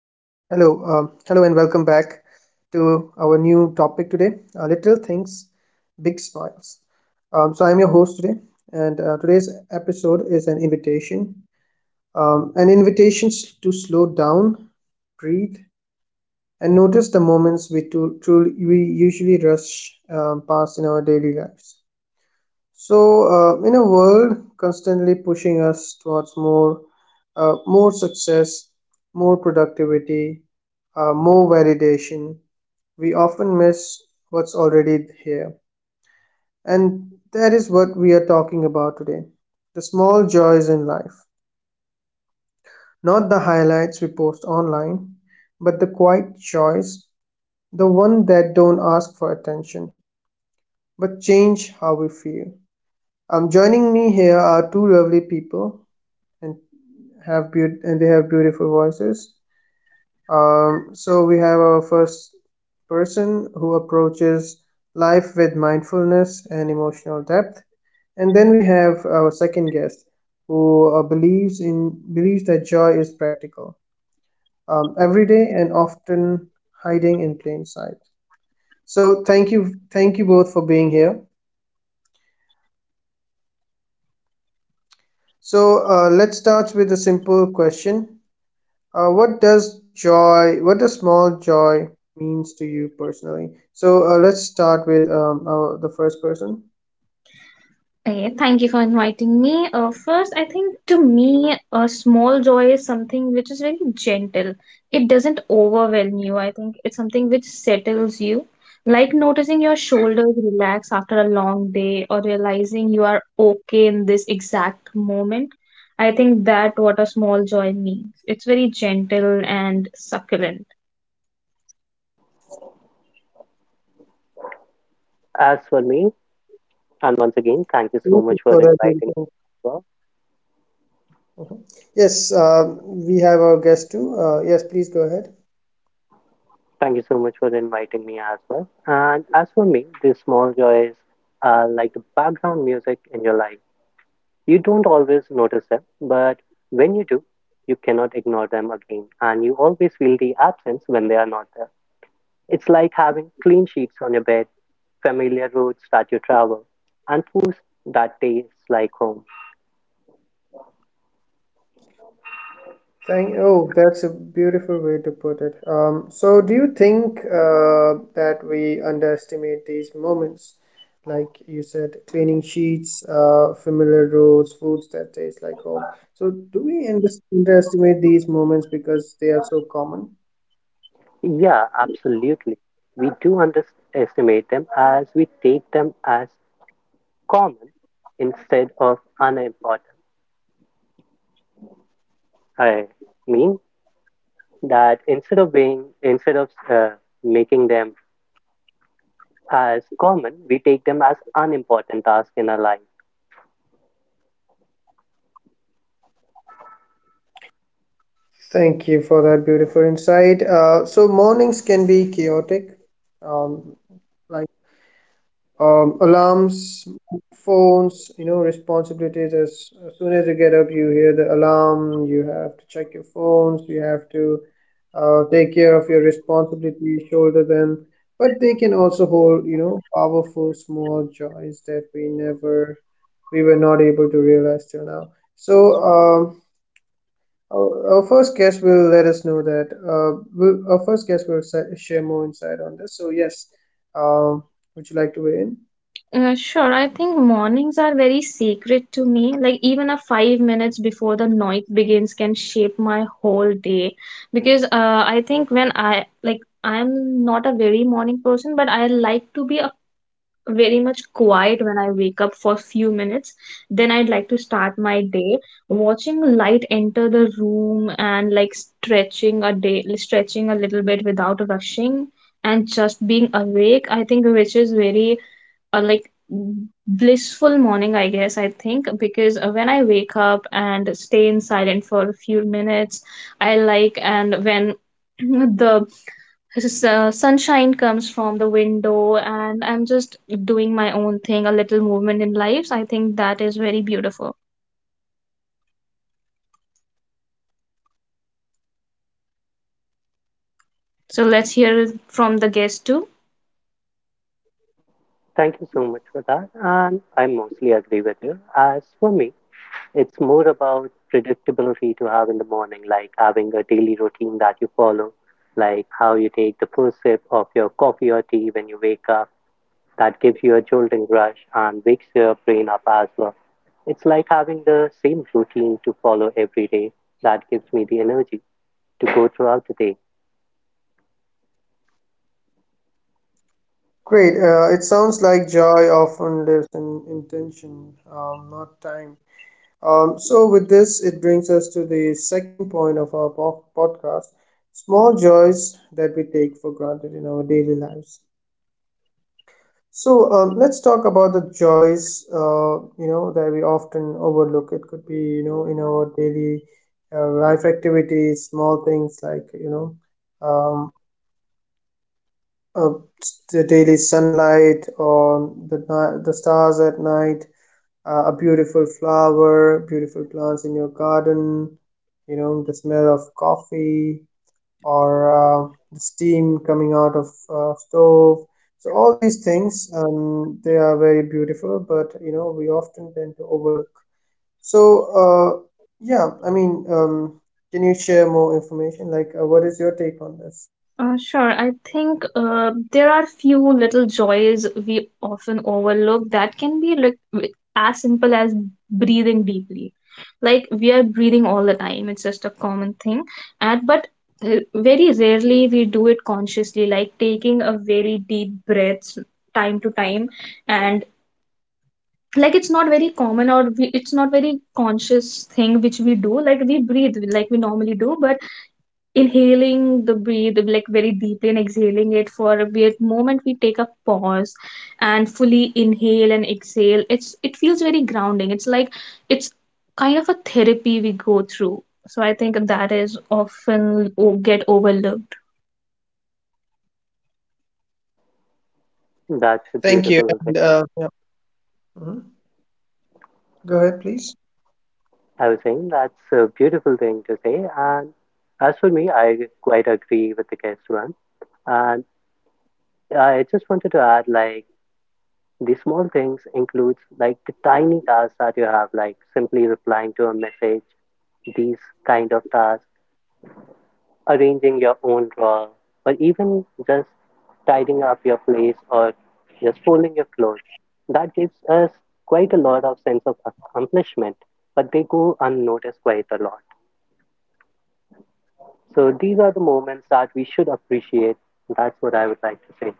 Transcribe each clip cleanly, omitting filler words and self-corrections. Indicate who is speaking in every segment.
Speaker 1: to our new topic today Little Things, Big Smiles. I'm your host today, and today's episode is an invitation to slow down, breathe, and notice the moments we usually rush past in our daily lives. So, in a world constantly pushing us towards more, more success, more productivity, more validation, we often miss what's already here. And that is what we are talking about today, the small joys in life. Not the highlights we post online, but the quiet joys, the one that don't ask for attention, but change how we feel. Joining me here are two lovely people, and and they have beautiful voices. So we have our first person who approaches life with mindfulness and emotional depth, and then we have our second guest who uh, believes in believes that joy is practical, everyday, and often hiding in plain sight. So thank you both for being here. So let's start with a simple question. What does small joy means to you personally? So let's start with the first person.
Speaker 2: Okay, thank you for inviting me. First, I think to me, a small joy is something which is very gentle. It doesn't overwhelm you. I think it's something which settles you, like noticing your shoulders relax after a long day or realizing you are okay in this exact moment. I think that what a small joy means. It's very gentle and succulent.
Speaker 3: As for me, and once again, thank you so
Speaker 1: Thank you
Speaker 3: much for
Speaker 1: for
Speaker 3: inviting
Speaker 1: that
Speaker 3: me.
Speaker 1: beautiful-
Speaker 3: Well,
Speaker 1: Mhm. Yes, we have our guest too. Yes, please go ahead.
Speaker 3: thank you so much for inviting me as well. And as for me, these small joys are like the background music in your life. You don't always notice them, but when you do, you cannot ignore them again. And you always feel the absence when they are not there. It's like having clean sheets on your bed, familiar roads that you travel, and foods that tastes like home.
Speaker 1: Thank Oh, that's a beautiful way to put it. So do you think that we underestimate these moments? Like you said, cleaning sheets, familiar roads, foods that taste like home. So do underestimate these moments because they are so common?
Speaker 3: Yeah, absolutely. We do underestimate them as we take them as common instead of unimportant. I mean that instead of making them as common, we take them as unimportant tasks in our life.
Speaker 1: Thank you for that beautiful insight. So mornings can be chaotic, um, like alarms, phones, you know, responsibilities. As soon as you get up, you hear the alarm, you have to check your phones, you have to take care of your responsibilities, shoulder them. But they can also hold, you know, powerful small joys that we were not able to realize till now. So, our first guest will let us know that. Will our first guest will sa- Share more insight on this. So, yes, um, would you like to weigh in?
Speaker 2: Sure, I think mornings are very sacred to me. Like even a 5 minutes before the night begins can shape my whole day. Because I think when I like I'm not a very morning person, but I like to be very much quiet when I wake up for few minutes. Then I'd like to start my day. Watching light enter the room and like stretching a day, stretching a little bit without rushing, and just being awake. I think which is very a like blissful morning, I guess. I think because when I wake up and stay in silent for a few minutes, I like, and when the sunshine comes from the window and I'm just doing my own thing, a little movement in lives. I think that is very beautiful. So let's hear from the guest too.
Speaker 3: Thank you so much for that, and I mostly agree with you. As for me, it's more about predictability to have in the morning, like having a daily routine that you follow, like how you take the first sip of your coffee or tea when you wake up. That gives you a jolting rush and wakes your brain up as well. It's like having the same routine to follow every day that gives me the energy to go throughout the day.
Speaker 1: Great. It sounds like joy often lives in intention, not time. With this, it brings us to the second point of our podcast, small joys that we take for granted in our daily lives. So, let's talk about the joys, you know, that we often overlook. It could be, you know, in our daily life activities, small things like, you know, um, uh, the daily sunlight or the stars at night, a beautiful flower, beautiful plants in your garden, you know, the smell of coffee or the steam coming out of stove. So all these things, they are very beautiful, but you know, we often tend to overlook. So, yeah, I mean, can you share more information? Like, what is your take on this?
Speaker 2: Sure. I think there are few little joys we often overlook that can be like as simple as breathing deeply. Like we are breathing all the time. It's just a common thing. And but very rarely we do it consciously, like taking a very deep breaths time to time. And like it's not very common, or it's not very conscious thing which we do. Like we breathe like we normally do, but inhaling the breathe like very deeply and exhaling it for a weird moment, we take a pause and fully inhale and exhale. It's, it feels very grounding. It's like, it's kind of a therapy we go through. So I think that is often get overlooked.
Speaker 3: That's a
Speaker 1: Thank you.
Speaker 3: beautiful thing.
Speaker 1: And, yeah. Mhm. Go ahead, please.
Speaker 3: I was saying that's a beautiful thing to say. And as for me, I quite agree with the guest one. And I just wanted to add, like, the small things includes like the tiny tasks that you have, like simply replying to a message, these kind of tasks, arranging your own drawer, or even just tidying up your place or just folding your clothes. That gives us quite a lot of sense of accomplishment, but they go unnoticed quite a lot. So these are the moments that we should appreciate. That's what I would like to say.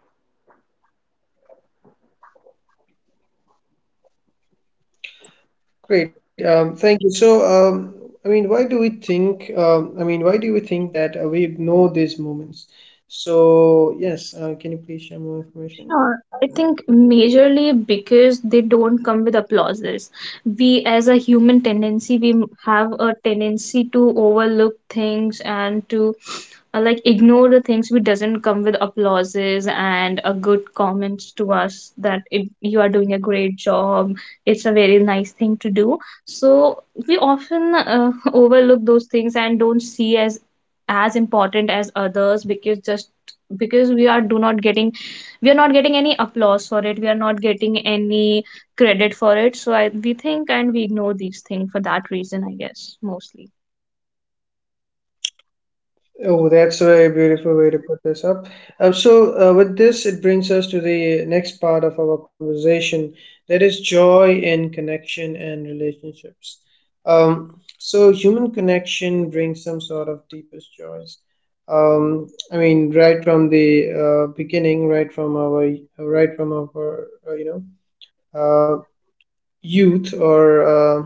Speaker 1: Great. Thank you. So, I mean, why do we think? Why do we think that we ignore these moments? So, yes, can you please share more information?
Speaker 2: Uh, I think majorly because they don't come with applauses. We, as a human tendency, we have a tendency to overlook things and to like ignore the things which doesn't come with applauses and a good comments to us that it, you are doing a great job. It's a very nice thing to do. So we often overlook those things and don't see as important as others because just because we are do not getting, we are not getting any applause for it, we are not getting any credit for it. So I, we think and we ignore these things for that reason, I guess, mostly.
Speaker 1: Oh, that's a very beautiful way to put this up. With this, it brings us to the next part of our conversation, that is joy in connection and relationships. Um, Human connection brings some sort of deepest joys. I mean, right from the beginning, right from our, you know, uh, youth or uh,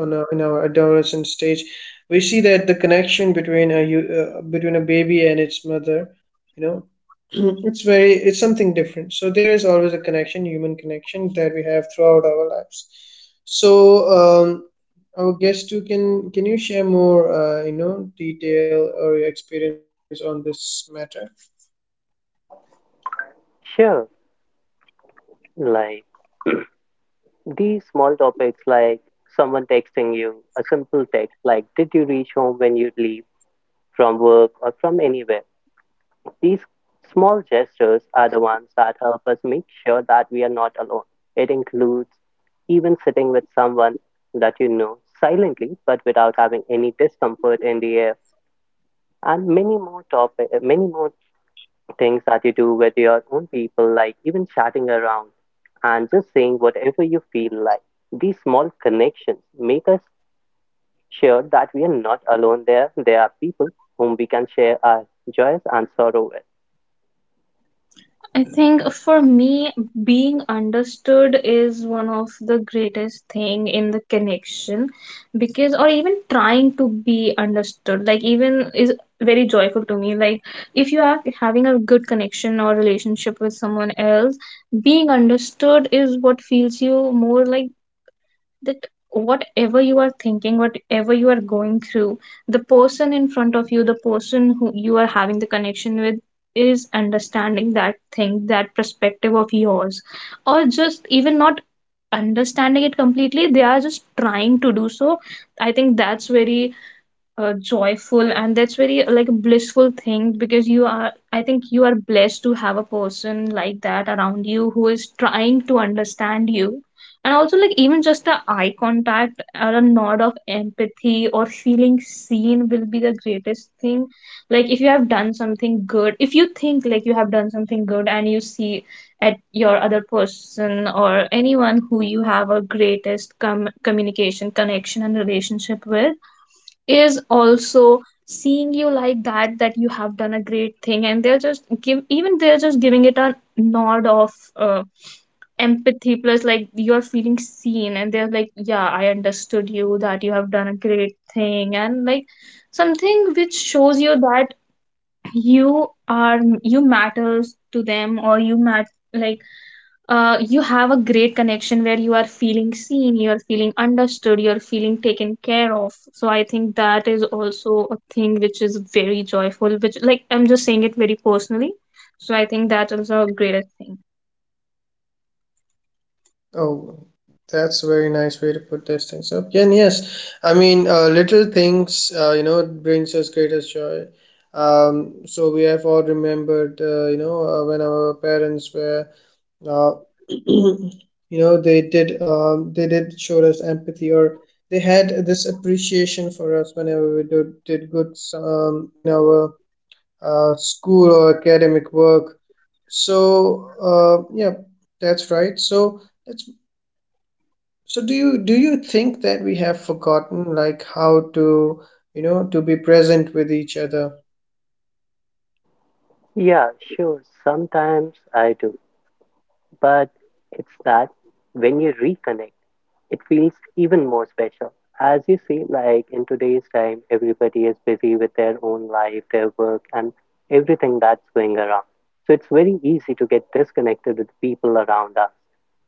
Speaker 1: on a, in our adolescent stage, we see that the connection between between a baby and its mother, you know, it's very, it's something different. So there is always a connection, human connection that we have throughout our lives. So um, our guest too, can you share more you know, detail or your experience on this matter?
Speaker 3: Sure, like these small topics like someone texting you, a simple text like did you reach home when you leave from work or from anywhere? These small gestures are the ones that help us make sure that we are not alone. It includes even sitting with someone that you know silently but without having any discomfort in the air and many more topic many more things that you do with your own people, like even chatting around and just saying whatever you feel like. These small connections make us sure that we are not alone there. There are people whom we can share our joys and sorrow with.
Speaker 2: I think for me, being understood is one of the greatest thing in the connection because, or even trying to be understood, like even is very joyful to me. Like if you are having a good connection or relationship with someone else, being understood is what feels you more. Like that whatever you are thinking, whatever you are going through, the person in front of you, the person who you are having the connection with, is understanding that thing, that perspective of yours, or just even not understanding it completely, they are just trying to do so. I think that's very joyful, and that's very like a blissful thing because you are, I think you are blessed to have a person like that around you who is trying to understand you. And also like even just a eye contact or a nod of empathy or feeling seen will be the greatest thing. Like if you have done something good, if you think like you have done something good and you see at your other person or anyone who you have a greatest communication connection and relationship with is also seeing you like that, that you have done a great thing, and they're just give, even they're just giving it a nod of empathy. Plus like you're feeling seen and they're like, yeah, I understood you, that you have done a great thing. And like something which shows you that you are, you matters to them, or you mat, like you have a great connection where you are feeling seen, you're feeling understood, you're feeling taken care of. So I think that is also a thing which is very joyful, which like I'm just saying it very personally. So I think that is a greatest thing.
Speaker 1: Oh, that's a very nice way to put those things up. Yeah, and yes, I mean, little things, you know, brings us greatest joy. So we have all remembered, you know, when our parents were, uh, you know, they did show us empathy, or they had this appreciation for us whenever we did good, in our school or academic work. So, yeah, that's right. So. Let's so Do you, do you think that we have forgotten like how to, you know, to be present with each other?
Speaker 3: Yeah, sure. Sometimes I do. But it's that when you reconnect, it feels even more special. As you see, like in today's time, everybody is busy with their own life, their work, and everything that's going around. So it's very easy to get disconnected with people around us.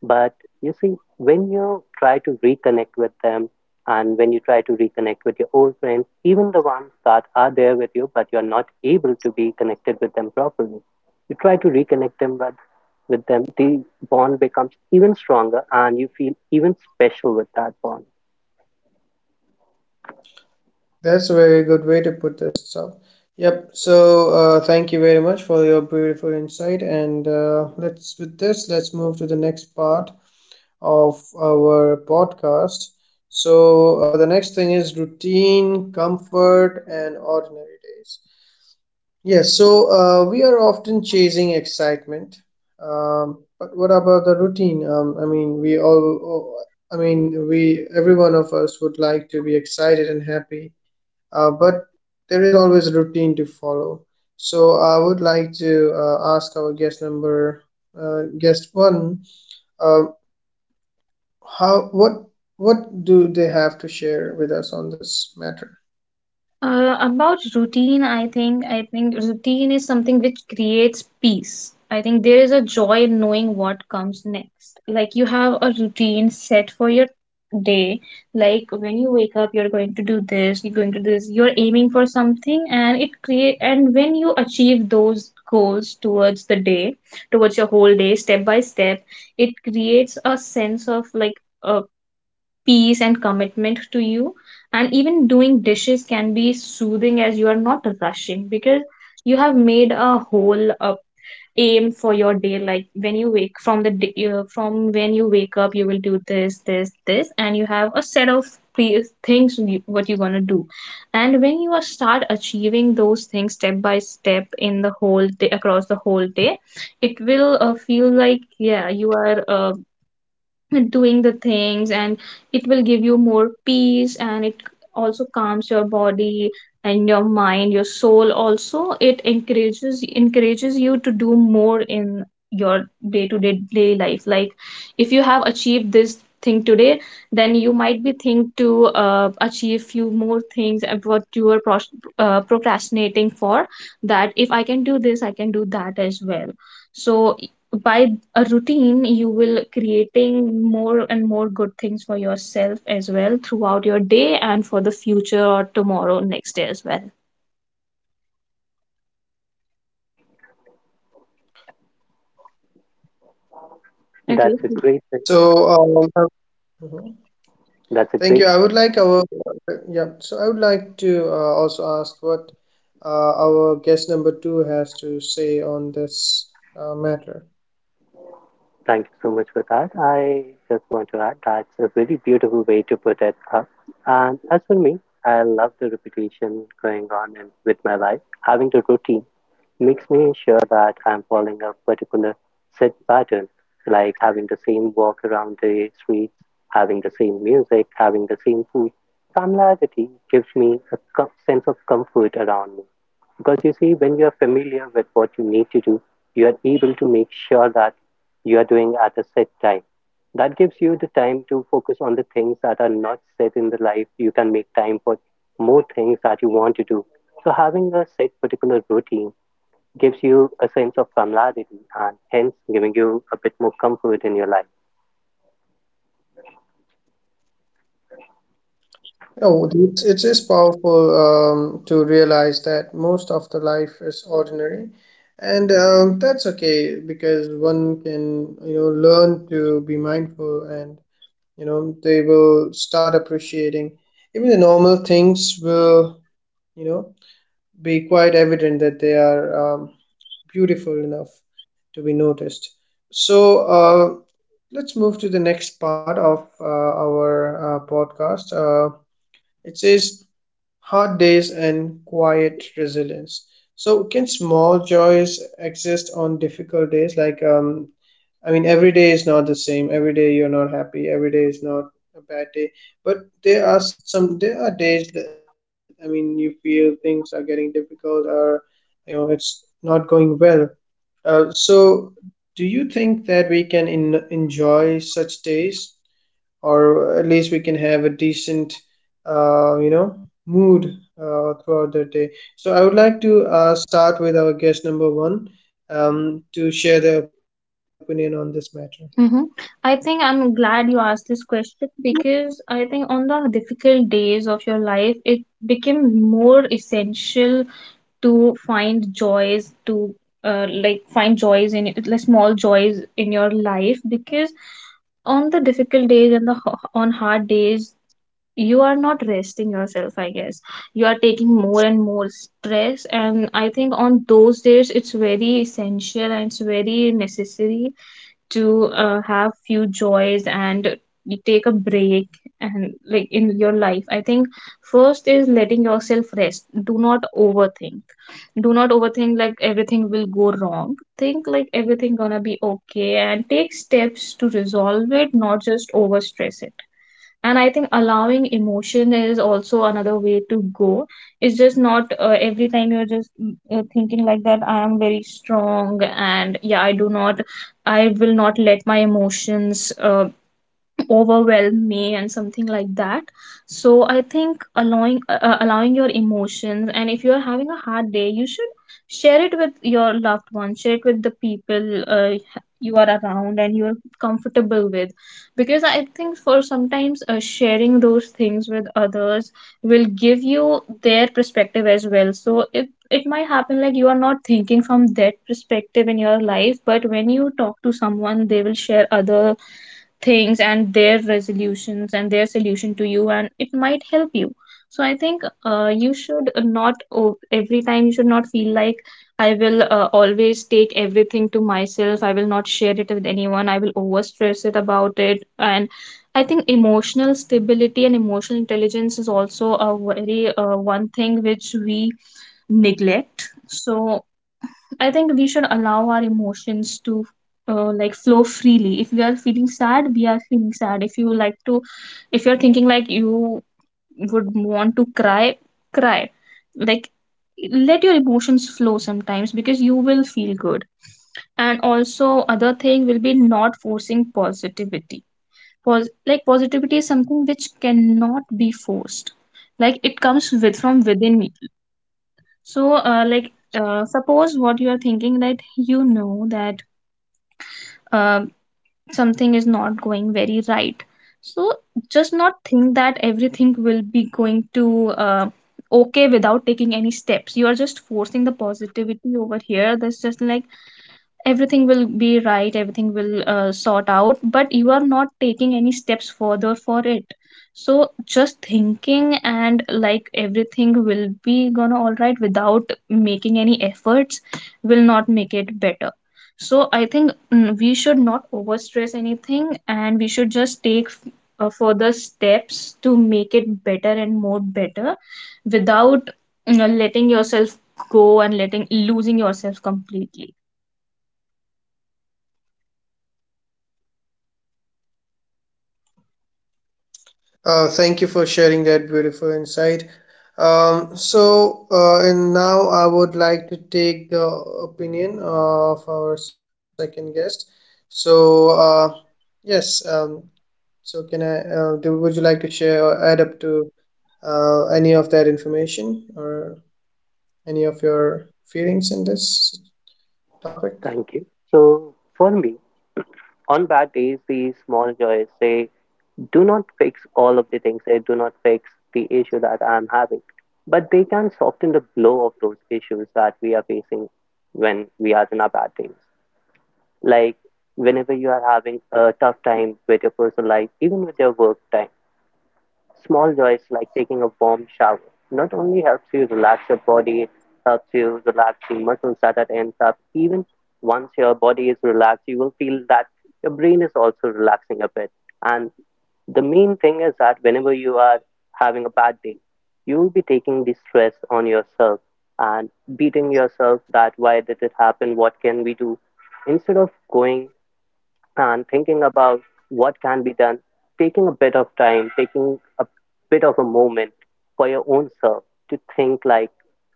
Speaker 3: But you see, when you try to reconnect with them and when you try to reconnect with your old friends, even the ones that are there with you, but you're not able to be connected with them properly, you try to reconnect them with them, the bond becomes even stronger and you feel even special with that bond.
Speaker 1: That's a very good way to put this. So, yep. So thank you very much for your beautiful insight, and let's with this let's move to the next part of our podcast. So the next thing is routine, comfort, and ordinary days. Yes, so we are often chasing excitement, but what about the routine? I mean, I mean, we, every one of us would like to be excited and happy, but there is always a routine to follow. So I would like to ask our guest number, guest one, uh, how, what, what do they have to share with us on this matter?
Speaker 2: About routine, I think routine is something which creates peace. I think there is a joy in knowing what comes next. Like you have a routine set for your day. Like when you wake up, you're going to do this, you're going to do this, you're aiming for something, and it create, and when you achieve those goals towards the day, towards your whole day, step by step, it creates a sense of like peace and commitment to you. And even doing dishes can be soothing as you are not rushing because you have made a whole aim for your day. Like when you wake from the day, from when you wake up, you will do this, this, this, and you have a set of things you, what you're gonna do. And when you are start achieving those things step by step in the whole day, across the whole day, it will feel like, yeah, you are doing the things. And it will give you more peace, and it also calms your body and your mind, your soul. Also, it encourages, encourages you to do more in your day to day day life. Like if you have achieved this thing today, then you might be think to achieve few more things and what you are procrastinating for, that if I can do this, I can do that as well. So by a routine, you will creating more and more good things for yourself as well throughout your day, and for the future or tomorrow next day as well.
Speaker 3: That's
Speaker 2: Okay.
Speaker 3: a great thing.
Speaker 1: So, um,
Speaker 3: That's a
Speaker 1: Thank
Speaker 3: great
Speaker 1: you. I would like our Yeah. So I would like to also ask what our guest number two has to say on this matter.
Speaker 3: Thank you so much for that. I just want to add that's a very beautiful way to put it up. And as for me, I love the repetition going on in, with my life. Having the routine makes me sure that I'm following a particular set pattern, like having the same walk around the streets, having the same music, having the same food. Familiarity gives me a sense of comfort around me. Because you see, when you're familiar with what you need to do, you are able to make sure that you are doing at a set time. That gives you the time to focus on the things that are not set in the life. You can make time for more things that you want to do. So, having a set particular routine gives you a sense of familiarity and hence giving you a bit more comfort in your life.
Speaker 1: Oh, it is powerful to realize that most of the life is ordinary, and that's okay because one can, you know, learn to be mindful, and you know they will start appreciating even the normal things will, you know, be quite evident that they are. Beautiful enough to be noticed. So let's move to the next part of our podcast. It says hard days and quiet resilience. So can small joys exist on difficult days? Like I mean, every day is not the same. Every day you're not happy. Every day is not a bad day. But there are some. There are days that, I mean, you feel things are getting difficult, or you know, it's not going well, so, do you think that we can enjoy such days, or at least we can have a decent, you know, mood throughout the day? So, I would like to start with our guest number one, to share their opinion on this matter.
Speaker 2: Mm-hmm. I think I'm glad you asked this question because I think on the difficult days of your life, it became more essential to find joys, to like find joys in, like small joys in your life, because on the difficult days and the on hard days, you are not resting yourself, I guess. You are taking more and more stress, and I think on those days it's very essential and it's very necessary to have few joys and you take a break. And like in your life, I think first is letting yourself rest. Do not overthink, do not overthink like everything will go wrong. Think like everything gonna be okay and take steps to resolve it, not just overstress it. And I think allowing emotion is also another way to go. It's just not every time you're just thinking like that I am very strong and yeah, I do not, I will not let my emotions overwhelm me and something like that. So I think allowing your emotions, and if you are having a hard day, you should share it with your loved ones, share it with the people you are around and you're comfortable with, because I think for sometimes sharing those things with others will give you their perspective as well. So it might happen like you are not thinking from that perspective in your life, but when you talk to someone, they will share other things and their resolutions and their solution to you, and it might help you. So I think you should not every time you should not feel like I will always take everything to myself, I will not share it with anyone, I will over stress it about it. And I think emotional stability and emotional intelligence is also a very one thing which we neglect. So I think we should allow our emotions to like flow freely. If we are feeling sad, we are feeling sad. If you like to, if you're thinking like you would want to cry, cry. Like let your emotions flow sometimes because you will feel good. And also, other thing will be not forcing positivity. Like positivity is something which cannot be forced. Like it comes with from within. So, suppose what you are thinking that you know that uh, something is not going very right. So, just not think that everything will be going to okay without taking any steps. You are just forcing the positivity over here. That's just like everything will be right, everything will sort out, but you are not taking any steps further for it. So just thinking and like everything will be gonna all right without making any efforts will not make it better. So I think we should not overstress anything and we should just take further steps to make it better and more better, without, you know, letting yourself go and letting losing yourself completely.
Speaker 1: Thank you for sharing that beautiful insight. And now I would like to take the opinion of our second guest. So, yes, So can I, would you like to share or add up to any of that information or any of your feelings in this topic?
Speaker 3: Thank you. So, for me, on bad days, these small joys say, do not fix all of the things, they do not fix the issue that I'm having. But they can soften the blow of those issues that we are facing when we are in our bad days. Like whenever you are having a tough time with your personal life, even with your work time, small joys like taking a warm shower not only helps you relax your body, it helps you relax the muscles that it ends up. Even once your body is relaxed, you will feel that your brain is also relaxing a bit. And the main thing is that whenever you are having a bad day, you will be taking the stress on yourself and beating yourself that why did it happen? What can we do? Instead of going and thinking about what can be done, taking a bit of time, taking a bit of a moment for your own self to think like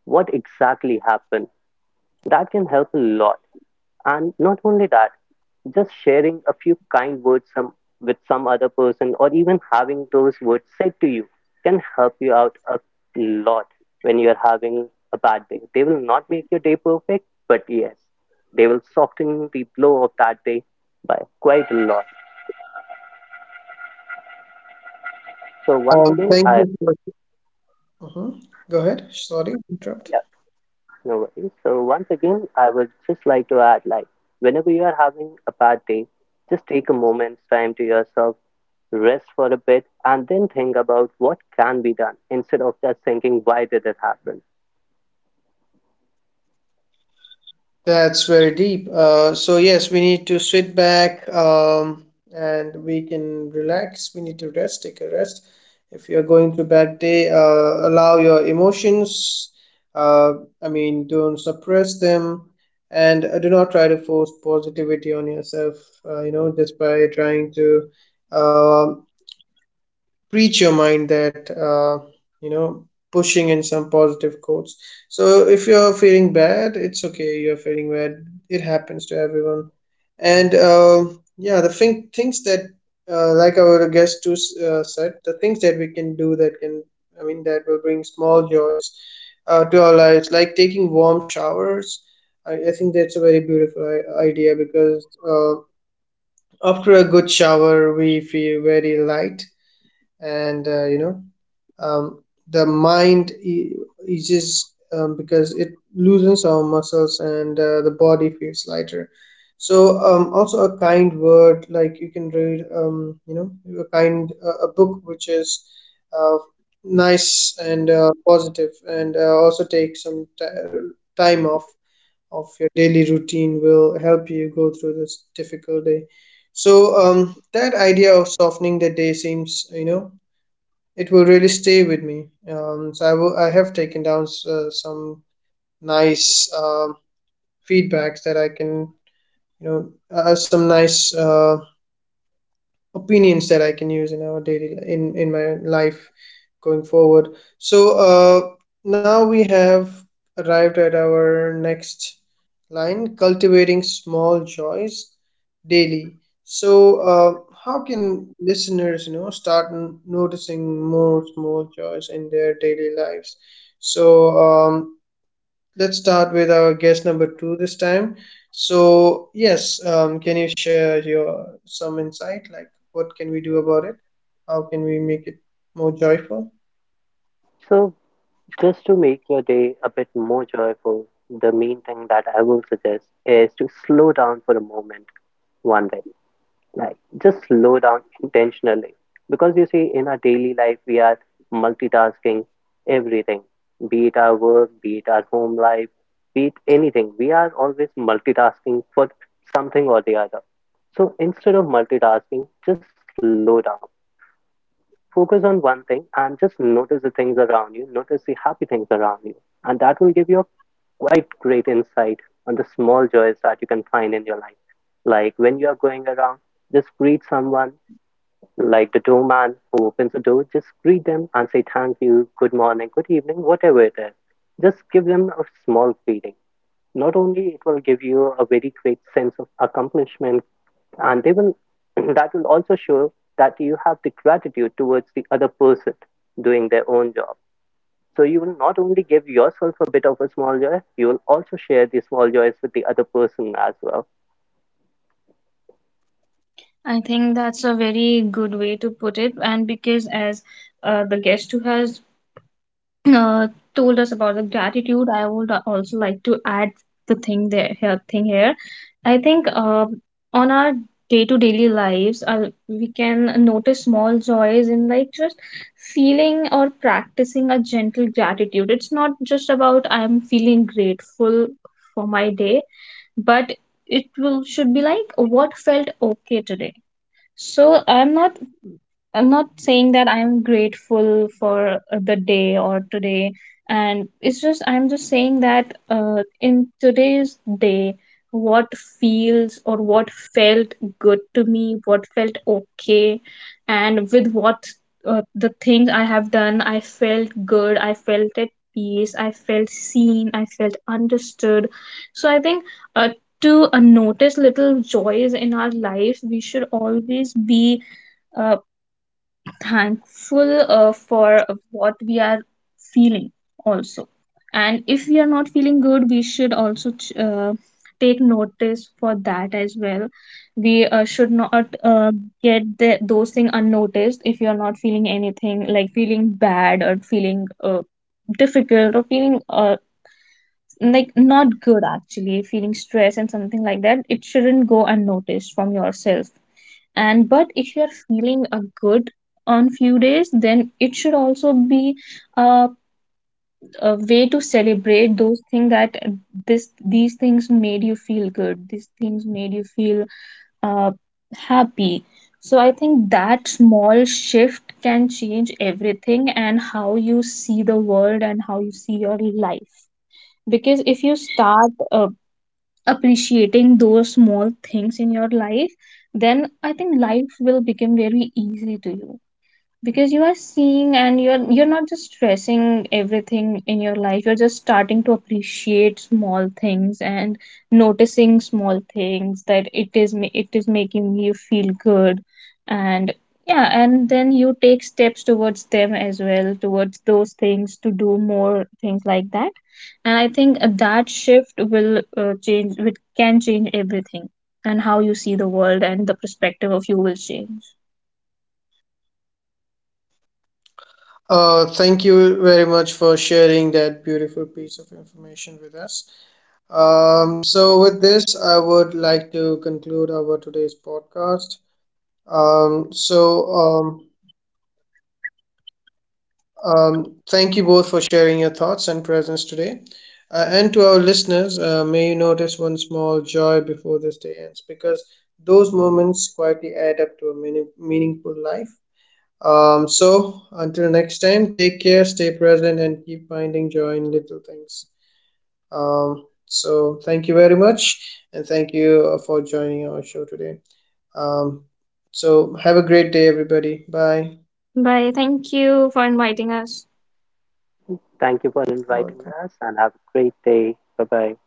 Speaker 3: what exactly happened, that can help a lot. And not only that, just sharing a few kind words some, with some other person or even having those words said to you can help you out a lot when you're having a bad day. They will not make your day perfect, but yes, they will soften the blow of that day by quite a lot. So once again,
Speaker 1: Thank
Speaker 3: I
Speaker 1: you for. Mhm. Go ahead. Sorry, interrupt.
Speaker 3: yeah, no worries. So once again, I would just like to add like whenever you are having a bad day, just take a moment's time to yourself rest for a bit and then think about what can be done instead of just thinking why did it happen.
Speaker 1: That's very deep. So yes, we need to sit back and we can relax. We need to rest, take a rest. If you're going through bad day, allow your emotions. Uh, I mean, don't suppress them, and do not try to force positivity on yourself. You know, just by trying to um preach your mind that you know, pushing in some positive quotes, so if you're feeling bad it's okay, you're feeling bad, it happens to everyone. And yeah, things that like our guest too said, the things that we can do that can, I mean, that will bring small joys to our lives, like taking warm showers. I think that's a very beautiful idea because after a good shower we feel very light, and you know, um, the mind eases, because it loosens our muscles and the body feels lighter. So also a kind word, like you can read, you know, a kind a book which is uh, nice and positive, and also take some ti time off of your daily routine will help you go through this difficult day. So that idea of softening the day seems, you know, it will really stay with me. So I will. I have taken down some nice feedbacks that I can, you know, some nice opinions that I can use in our daily, in my life going forward. So now we have arrived at our next line: cultivating small joys daily. So, how can listeners, you know, start noticing more small joys in their daily lives? So, let's start with our guest number two this time. So, yes, can you share your some insight? Like, what can we do about it? How can we make it more joyful?
Speaker 3: So just to make your day a bit more joyful, the main thing that I will suggest is to slow down for a moment one day, like just slow down intentionally because you see in our daily life we are multitasking everything, be it our work, be it our home life, be it anything, we are always multitasking for something or the other. So instead of multitasking just slow down, focus on one thing and just notice the things around you, notice the happy things around you, and that will give you a quite great insight on the small joys that you can find in your life. Like when you are going around, just greet someone like the doorman who opens the door, just greet them and say thank you, good morning, good evening, whatever it is. Just give them a small greeting. Not only it will give you a very great sense of accomplishment, and they will that will also show that you have the gratitude towards the other person doing their own job. So you will not only give yourself a bit of a small joy, you will also share the small joys with the other person as well.
Speaker 2: I think that's a very good way to put it, and because as the guest who has uh, told us about the gratitude, I would also like to add the thing there here thing here. I think on our day to daily lives, we can notice small joys in like just feeling or practicing a gentle gratitude. It's not just about I'm feeling grateful for my day, but it will should be like what felt okay today. So I'm not saying that I'm grateful for the day or today. And it's just, I'm just saying that in today's day, what feels or what felt good to me, what felt okay, and with what the things I have done, I felt good, I felt at peace, I felt seen, I felt understood. So I think uh, to notice little joys in our life, we should always be uh, thankful for what we are feeling also. And if we are not feeling good, we should also take notice for that as well. We should not get those things unnoticed. If you are not feeling anything, like feeling bad or feeling difficult or feeling like not good, actually feeling stress and something like that, it shouldn't go unnoticed from yourself. And but if you're feeling a good on few days, then it should also be a, a way to celebrate those things, that this these things made you feel good, these things made you feel uh, happy. So I think that small shift can change everything, and how you see the world and how you see your life. Because if you start appreciating those small things in your life, then I think life will become very easy to you, because you are seeing, and you're not just stressing everything in your life, you're just starting to appreciate small things and noticing small things that it is it is making you feel good. And yeah, and then you take steps towards them as well, towards those things, to do more things like that. And I think that shift will change, it can change everything, and how you see the world and the perspective of you will change.
Speaker 1: Thank you very much for sharing that beautiful piece of information with us. With this, I would like to conclude our today's podcast. Um, so, um, Thank you both for sharing your thoughts and presence today. And to our listeners, may you notice one small joy before this day ends because those moments quietly add up to a meaning, meaningful life. Until next time, take care, stay present, and keep finding joy in little things. Thank you very much, and thank you for joining our show today. Um, have a great day, everybody. Bye.
Speaker 2: Bye. Thank you for inviting us.
Speaker 3: Thank you for
Speaker 1: You're
Speaker 3: inviting
Speaker 1: welcome.
Speaker 3: us and have a great day. Bye bye.